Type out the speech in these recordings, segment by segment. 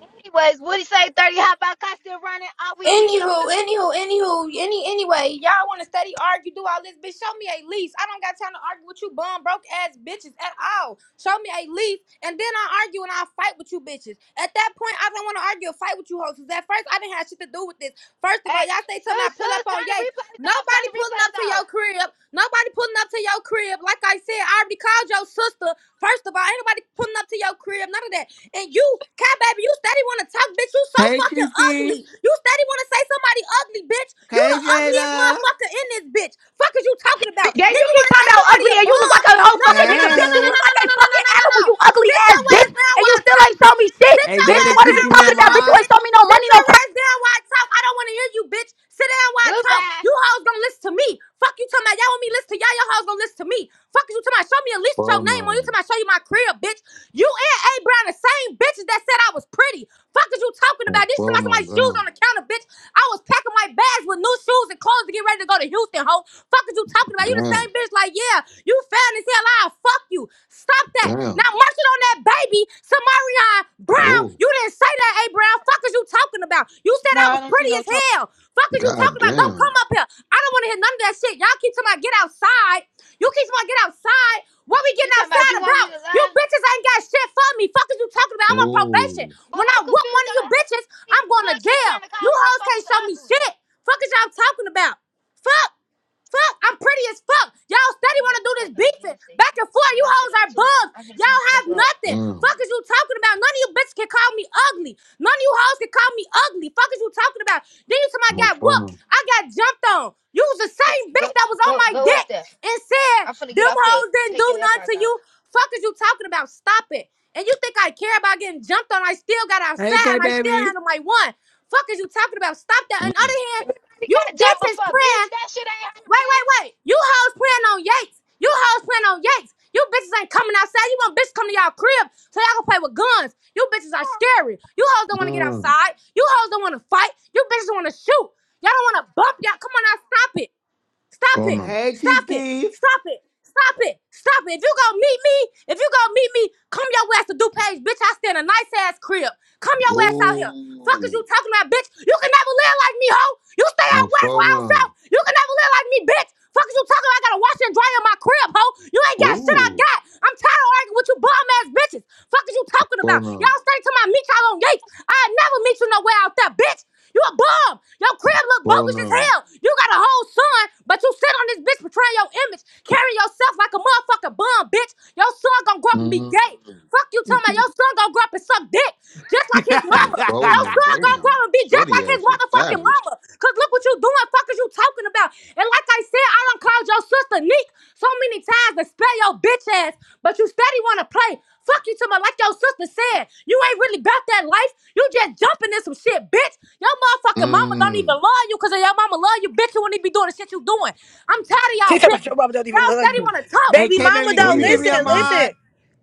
Anyways, Woody say 30 hot box I still running. All we need to Anywho, know. anywho, anywho, any anyway, y'all want to study, argue, do all this, bitch? Show me a lease. I don't got time to argue with you bum broke ass bitches at all. Show me a lease, and then I argue and I fight with you bitches. At that point, I don't want to argue or fight with you hoes. Cause at first, I didn't have shit to do with this. First of Hey, all, y'all say sus, something I pull up sus, turn on Ye. the replays off. Turn Nobody the pulling up replays to your off. crib. Nobody pulling up to your crib. Like I said, I already called your sister. First of all, ain't nobody pulling up to your crib. None of that. And you, cat baby, you steady want to talk, bitch. You so Hey, fucking Chief Keef. ugly. You steady want to say somebody ugly, bitch. You Hey, the ugliest Jada. motherfucker in this bitch. Fuck is you talking about? Yeah, Then you you keep want to talking say about somebody ugly a and you look bum? like a whole No, no, fucking no, no, nigga, no, no, bitch. You no, Hey. look no, no, like no, a no, no, no, fucking no, no, animal, no. you ugly Sit ass your ass bitch. down And you while I still talk, ain't show bitch. me shit, Sit Hey, your bitch. ass Jada, What can is you you down give me while your I talking about? Bitch, talk, you mic? ain't bitch. show me no Sit money, no your ass down down while I talk. I don't want to hear you, bitch. Sit down while I talk. Goodbye. You hoes gonna listen to me. Fuck you talking about y'all want me to listen to y'all. Y'all hoes gonna listen to me. Fuck you talking about show me at least your Well name on you no. talking about show you my career, bitch. You and A Brown the same bitches that said I was pretty. Fuck is you talking Oh, about? This is well about no. somebody's shoes on Damn. the counter, bitch. I was packing my bags with new shoes and clothes to get ready to go to Houston, hoe. Fuck is you talking about? You the same Damn. bitch like, yeah, you fat as hell. I'll fuck you. Stop that. Damn. Now I'm munching on that baby, Samarion Brown. Oh. You didn't say that, A Brown. Fuck is you talking about? You said No, I I was don't see pretty no as charge. hell. Fuck is you God talking about? Don't damn. come up here. I don't want to hear none of that shit. Y'all keep talking about get outside. You keep talking about get outside. What we She getting talking about outside you want about? me to You lie? bitches ain't got shit for me. Fuck is you talking about? I'm on Oh. probation. But When I'm I whoop one confused of on you how bitches, these I'm going to one keep jail. trying to You call hoes can't motherfuckers show me ugly. shit. Fuck is y'all talking about? Fuck. Fuck, I'm pretty as fuck. Y'all I'm steady gonna have wanna to do this stop by a beefing. gas Back station. and Cause forth, you my shit hoes on are too. bugs. I'm finna send Y'all you this have low. nothing. Damn. Fuck is you talking about? None of you bitches can call me ugly. None of you hoes can call me ugly. Fuck is you talking about? Then you somebody Oh, got phone whooped. I got jumped on. You was the Here, same Go bitch that was on go my go up dick there. and said I'm finna get them off here. hoes didn't Take do your nothing to AirPods you. off. Fuck is you talking about? Stop it. And you think I care about getting jumped on? I still got Hey, outside K and I still Baby. handled my one. Fuck is you talking about? Stop that. no. On the Mm. other hand, Everybody you got jumped bitches before, bitch. praying. That shit ain't her, Wait, wait, bitch. wait. You hoes playing on Yates. You hoes playing on Yates. You bitches ain't coming outside. You want bitches come to y'all crib so y'all can play with guns. You bitches are scary. You hoes don't want to get Mm. outside. You hoes don't want to fight. You bitches don't want to shoot. Y'all don't want to bump y'all. Come on now, stop it. Stop Phone it. no. Hey, Chief Stop it. Keef. Stop it. Stop it. Stop it. If you gonna meet me, if you gonna meet me, come your ass to DuPage, bitch. I stay in a nice ass crib. Come your ass out here. Fuck is you Oh. talking about, bitch? You can never live like me, hoe. You stay out Oh, west or phone out south. no. You can never live like me, bitch. Fuck is you talking about? I gotta wash and dry in my crib, hoe. You ain't got shit I Oh. got. I'm tired of arguing with you bum ass bitches. Fuck is you talking about? Phone no. Y'all stay till I meet y'all on Yates. I never meet you nowhere out there, bitch. You a bum. Your crib look Phone bogus as no. hell. You got a whole son, but you sit on this bitch portraying your image, carrying yourself like a motherfucking bum, bitch. Your son gonna grow up and be Mm. gay. Fuck you talking about your son gonna grow up and suck dick, just like his Oh, mama. phone Your no. son gonna grow Damn. up and be just Shorty like his ass is motherfucking savage. mama. Cause look what you doing, fuck is you talking about? And like I said, I don't. I called your sister Neek so many times to spare your bitch ass, but you steady want to play. Fuck you to my like your sister said. You ain't really about that life. You just jumping in some shit, bitch. Your motherfucking mama don't even Mm. love you because your mama love you, bitch. You wouldn't even be doing the shit you doing. I'm tired of She y'all talking about your bitches. mama don't even Y'all love you. steady want to talk. hey, Baby K mama Baby, can though, you Shorty give me listen, ass a your gangster. listen. mic?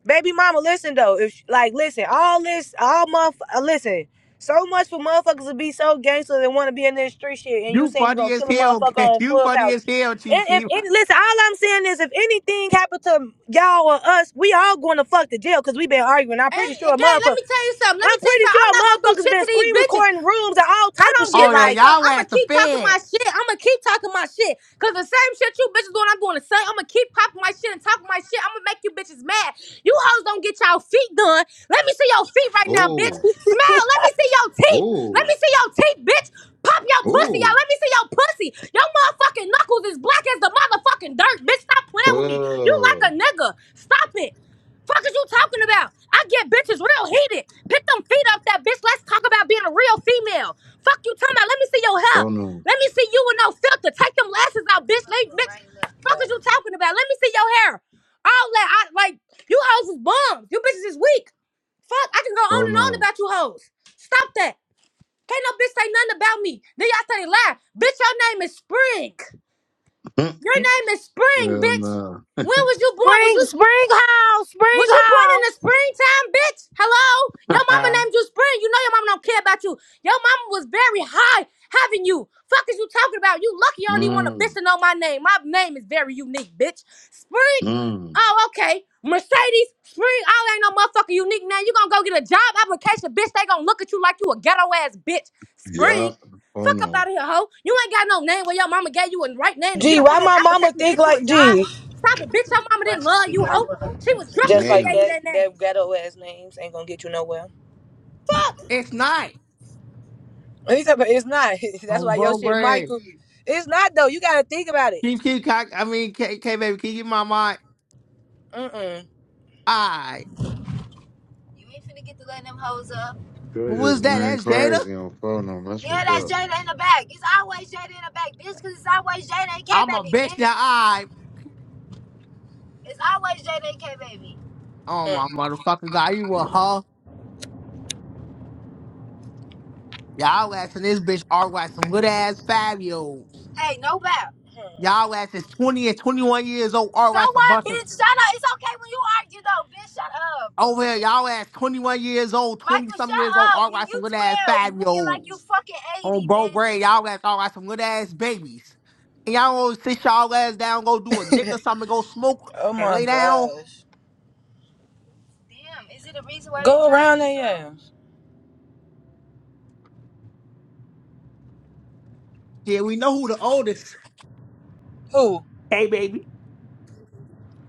Baby mama, listen though. If sh- like listen, all this, all motherf- uh, listen. So much for motherfuckers to be so gangster and want to be in this street shit, and you You saying you funny gonna as kill a hell, motherfucker K. on You funny clubhouse. as hell, Chief And if Keef. any listen, all I'm saying is if anything happened to y'all or us, we all going to fuck the jail because we been arguing. I'm pretty Hey, sure a again, let motherfucker. me tell you something. Let me I'm tell you pretty something. sure I'm not gonna do motherfuckers shit been to these screen bitches. recording rooms and all I type of don't give Oh, shit. no yeah, Like fuck. y'all I'ma ask the keep talking my feds. shit. I'ma keep talking my shit. Cause the same shit you bitches doing, I'm doing the same. I'ma keep popping my shit and talking my shit. I'ma make you bitches mad. You hoes don't get y'all feet done. Let me see your feet right now, bitch. Oh. Smile. Let me see your teeth. Let Oh. me see your teeth, bitch. Pop your pussy, y'all. Oh. Let me see your pussy. Your motherfucking knuckles is black as the motherfucking dirt, bitch. Stop playing with me. You like a Uh. nigga. Stop it. Fuck is you talking about? I get bitches real heated. Pick them feet up that bitch. Let's talk about being a real female. Fuck you talking about? Let me see your hair. Phone no. Let me see you with no filter. Take them lashes out, bitch. Like, bitch. Fuck is you talking about? Let me see your hair. All that I like you hoes is bums. You bitches is weak. Fuck, I can go on Phone and on no. about you hoes. Stop that. Can't no bitch say nothing about me. Then y'all say they lie. Bitch, your name is Spring. Mm, Your mm, name is Spring, and bitch. uh, When was you born? Was spring, you? spring hall, spring Was you born in hall. the springtime, bitch? Hello? Your mama named you Spring. You know your mama don't care about you. Your mama was very high having you. Fuck is you talking about? You lucky I don't even want a mm, bitch to know my name. My name is very unique, bitch. Spring? mm, Oh, okay. Mercedes, Spring, I ain't no motherfucking unique name. You gonna go get a job application, bitch. They gonna look at you like you a ghetto ass bitch. yeah, Spring? Fuck up phono. out of here, hoe. You ain't got no name where your mama gave you a right name to get Gee, up on why no my mama application to think get you a like job. G? Stop it, bitch. Your mama didn't love you, hoe. She was drunk when Just she like gave Damn, you that, that name. that ghetto ass names ain't gonna get you nowhere. Fuck. It's night. And he said, but it's not. That's I'm why your broke shit, word. Michael. It's not though. You gotta think about it. Chief Keef, can I, I mean, K, K Baby, can you give me my mic? Mm-mm. Alright. You ain't finna get to letting them hoes up. sure Who is just that? went That's Jada? crazy on phono. That's Yeah, what's that's up. Jada in the back. It's always Jada in the back, bitch, cause it's always Jada and K I'm a baby, bitch. bitch now. I. It's always Jada and K baby. Oh, Mm. my motherfucking God. You a hoe. Y'all asking this bitch R some good ass Fabios. Hey, no bow. Mm. Y'all ass is 20 and 21 years old. So R a what, bunch of bitch? Shut up. It's okay when you argue though, bitch. Shut up. over here. Y'all ass 21 years old, 20 Michael, shut something years old. up. R You you some good ass 12, Fabios looking like you fucking On 80, bro grade, y'all ass R some good ass babies. And y'all always sit y'all ass down, go do a dick bitch. or something, go smoke Oh and my lay down. gosh. Damn, is it a reason why Go around there, yeah. Yeah, we know who the oldest. Who? Hey, baby.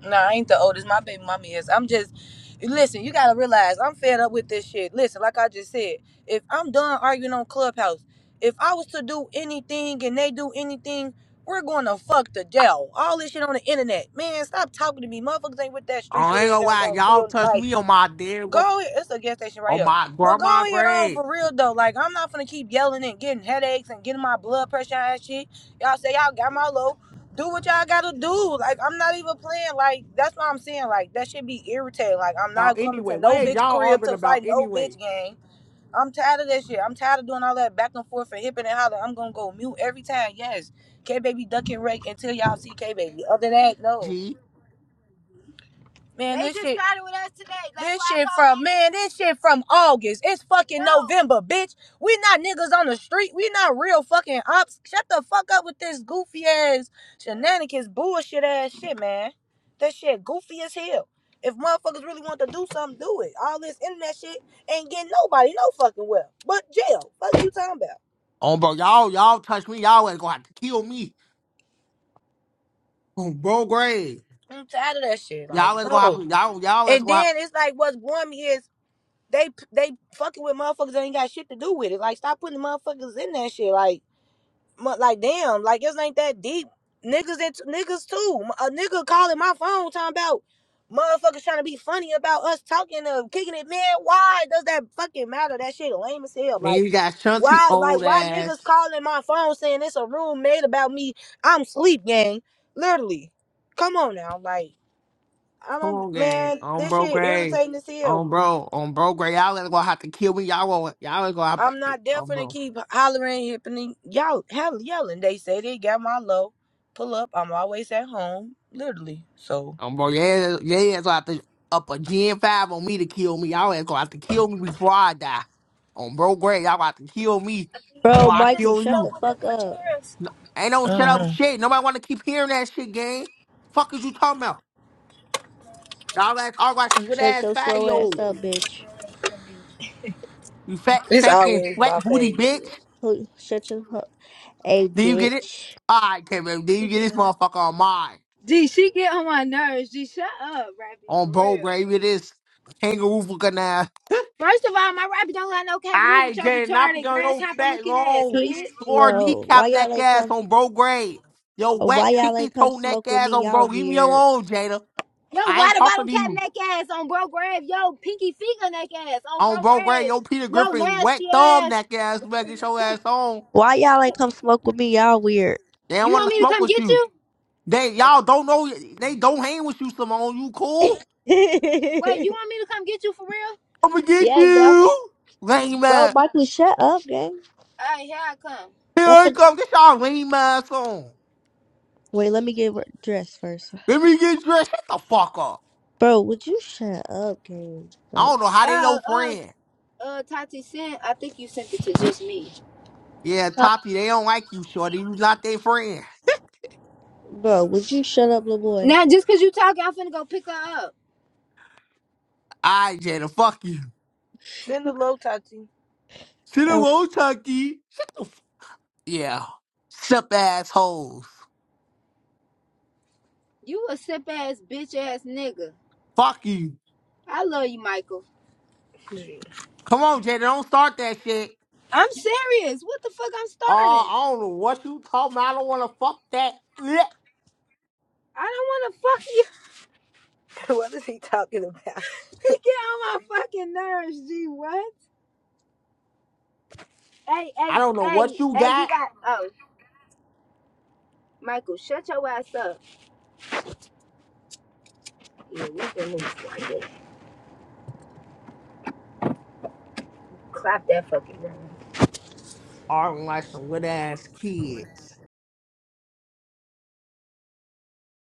Nah, I ain't the oldest. My baby mommy is. I'm just listen, you gotta realize I'm fed up with this shit. Listen, like I just said, if I'm done arguing on Clubhouse, if I was to do anything and they do anything, we're gonna fuck the jail. All this shit on the internet. Man, stop talking to me. Motherfuckers ain't with that street shit I ain't ain't gonna gonna, lie. gonna Y'all kill touch life. me on my dear, gr- Go ahead. It's a gas station right on here. my But go grandma ahead on grade. for real though. Like I'm not gonna keep yelling and getting headaches and getting my blood pressure and shit. Y'all say y'all got my low. Do what y'all gotta do. Like I'm not even playing. Like that's what I'm saying. Like that should be irritating. Like I'm About not coming anyway, to what no is bitch y'all crib arguing to about fight no anyway? bitch game. I'm tired of that shit. I'm tired of doing all that back and forth and hipping and hollering. I'm gonna go mute every time. Yes, K baby duck and rake until y'all see K baby. Other than that, no. See? Man, They this just shit, started with us today. Like this shit from leave? man, this shit from August. It's fucking No, November, bitch. We not niggas on the street. We not real fucking ops. Shut the fuck up with this goofy ass shenanigans, bullshit ass shit, man. That shit goofy as hell. If motherfuckers really want to do something, do it. All this internet shit ain't getting nobody no fucking well. But jail. Fuck you talking about? Oh, bro, y'all, y'all touch me. Y'all is gonna have to kill me on bro grade. I'm tired of that shit. Y'all Like, is gonna have no. to, y'all, y'all is And gonna have then it's like what's warm is They they fucking with motherfuckers that ain't got shit to do with it. Like stop putting motherfuckers in that shit. Like mu- like damn, like this ain't that deep. Niggas and niggas too. A nigga calling my phone talking about motherfuckers trying to be funny about us talking of kicking it. Man, why does that fucking matter? That shit lame as hell. Man, Like you got Shunty why like old why niggas ass. calling my phone saying it's a room made about me? I'm sleep gang. Literally. Come on now, like I Come don't on, gang. man, On this bro shit grade. irritating as hell. On bro, on bro grade. Y'all is gonna have to kill me. Y'all gonna, y'all is gonna have I'm to, not on definitely bro. keep hollering, hipping, y'all, hell, yelling. They say they got my low. Pull up. I'm always at home, literally. So On bro, yeah, yeah, is gonna have to up a Gen 5 on me to kill me. Y'all is gonna have to kill me before I die. On bro grade, y'all gonna have to kill me Bro, before I Ain't this Michael, the kill shut you. stuff the with the fuck bunch of up. girls? No, ain't no shut uh up huh. shit. Nobody want to keep hearing that shit, gang. Fuck is you talking about? Y'all ass are watching good Shut ass your fat slow ass yo. up, bitch. You fat, it's stinking, always my wet booty bitch. favorite. Who- Shut your hu- hey, Do you get it? bitch. All right, Kevin. Do you She get this motherfucker on mine? Gee, she get on my nerves. Gee, shut up, Rappy, On for bro real. grave, it is kangaroo looking ass. First of all, my Rappy don't got no All kangaroo with right, your Jay, not retarded on your grasshopper fat, looking ass, long, He's bitch. sore slow. Why kneecap neck y'all ain't ass come? on bro grave. Yo, uh, wet, Why y'all pinky ain't come toe neck smoke with ass me? on Y'all bro. Leave me weird. alone, Jada. Yo, I ain't water bottle talking to cap you. neck ass on bro grave. Yo, pinky finger neck ass on bro on bro grade, grave. your Peter Yo, Griffin wet nasty ass. thumb that ass better get your ass on. Why y'all ain't come smoke with me? Y'all weird. They don't You want want to me to smoke come with get you. you? They y'all don't know they don't hang with you, Simone. You yeah, cool? Wait, you want me to come get you for real? We I'ma could just. get bro. you. Lame Bro, man. Michael, shut up, gang. All right, here I come. Here I'm I fin- come. Get y'all lame ass on. Wait, let me get re- dressed first. Let me get dressed. Shut the fuck up. Bro, would you shut up, gang? I Like, don't know how they Uh, your uh, friend. uh, Tati sent. I think you sent it to just me. Yeah, Tati, they don't like you, Shorty. You not their friend. bro, would you shut up, little boy? Now, just cause you talking, I'm finna go pick her up. Alright, Jada, fuck you. Send a low, Tati. Sit around, Tati. Shut the f- Yeah. Sup assholes. You a sip ass bitch ass nigga. Fuck you. I love you, Michael. Come on, Jada, don't start that shit. I'm serious. What the fuck? I'm Uh, starting. I don't know what you talking about. I don't want to fuck that. Blech. I don't want to fuck you. what is he talking about? Get on my fucking nerves, G. What? Hey, I hey, don't know hey, what you hey. You got. got. Oh, Michael, shut your ass up. Yeah, we can move. Clap that fucking room. I'm like some good ass kid.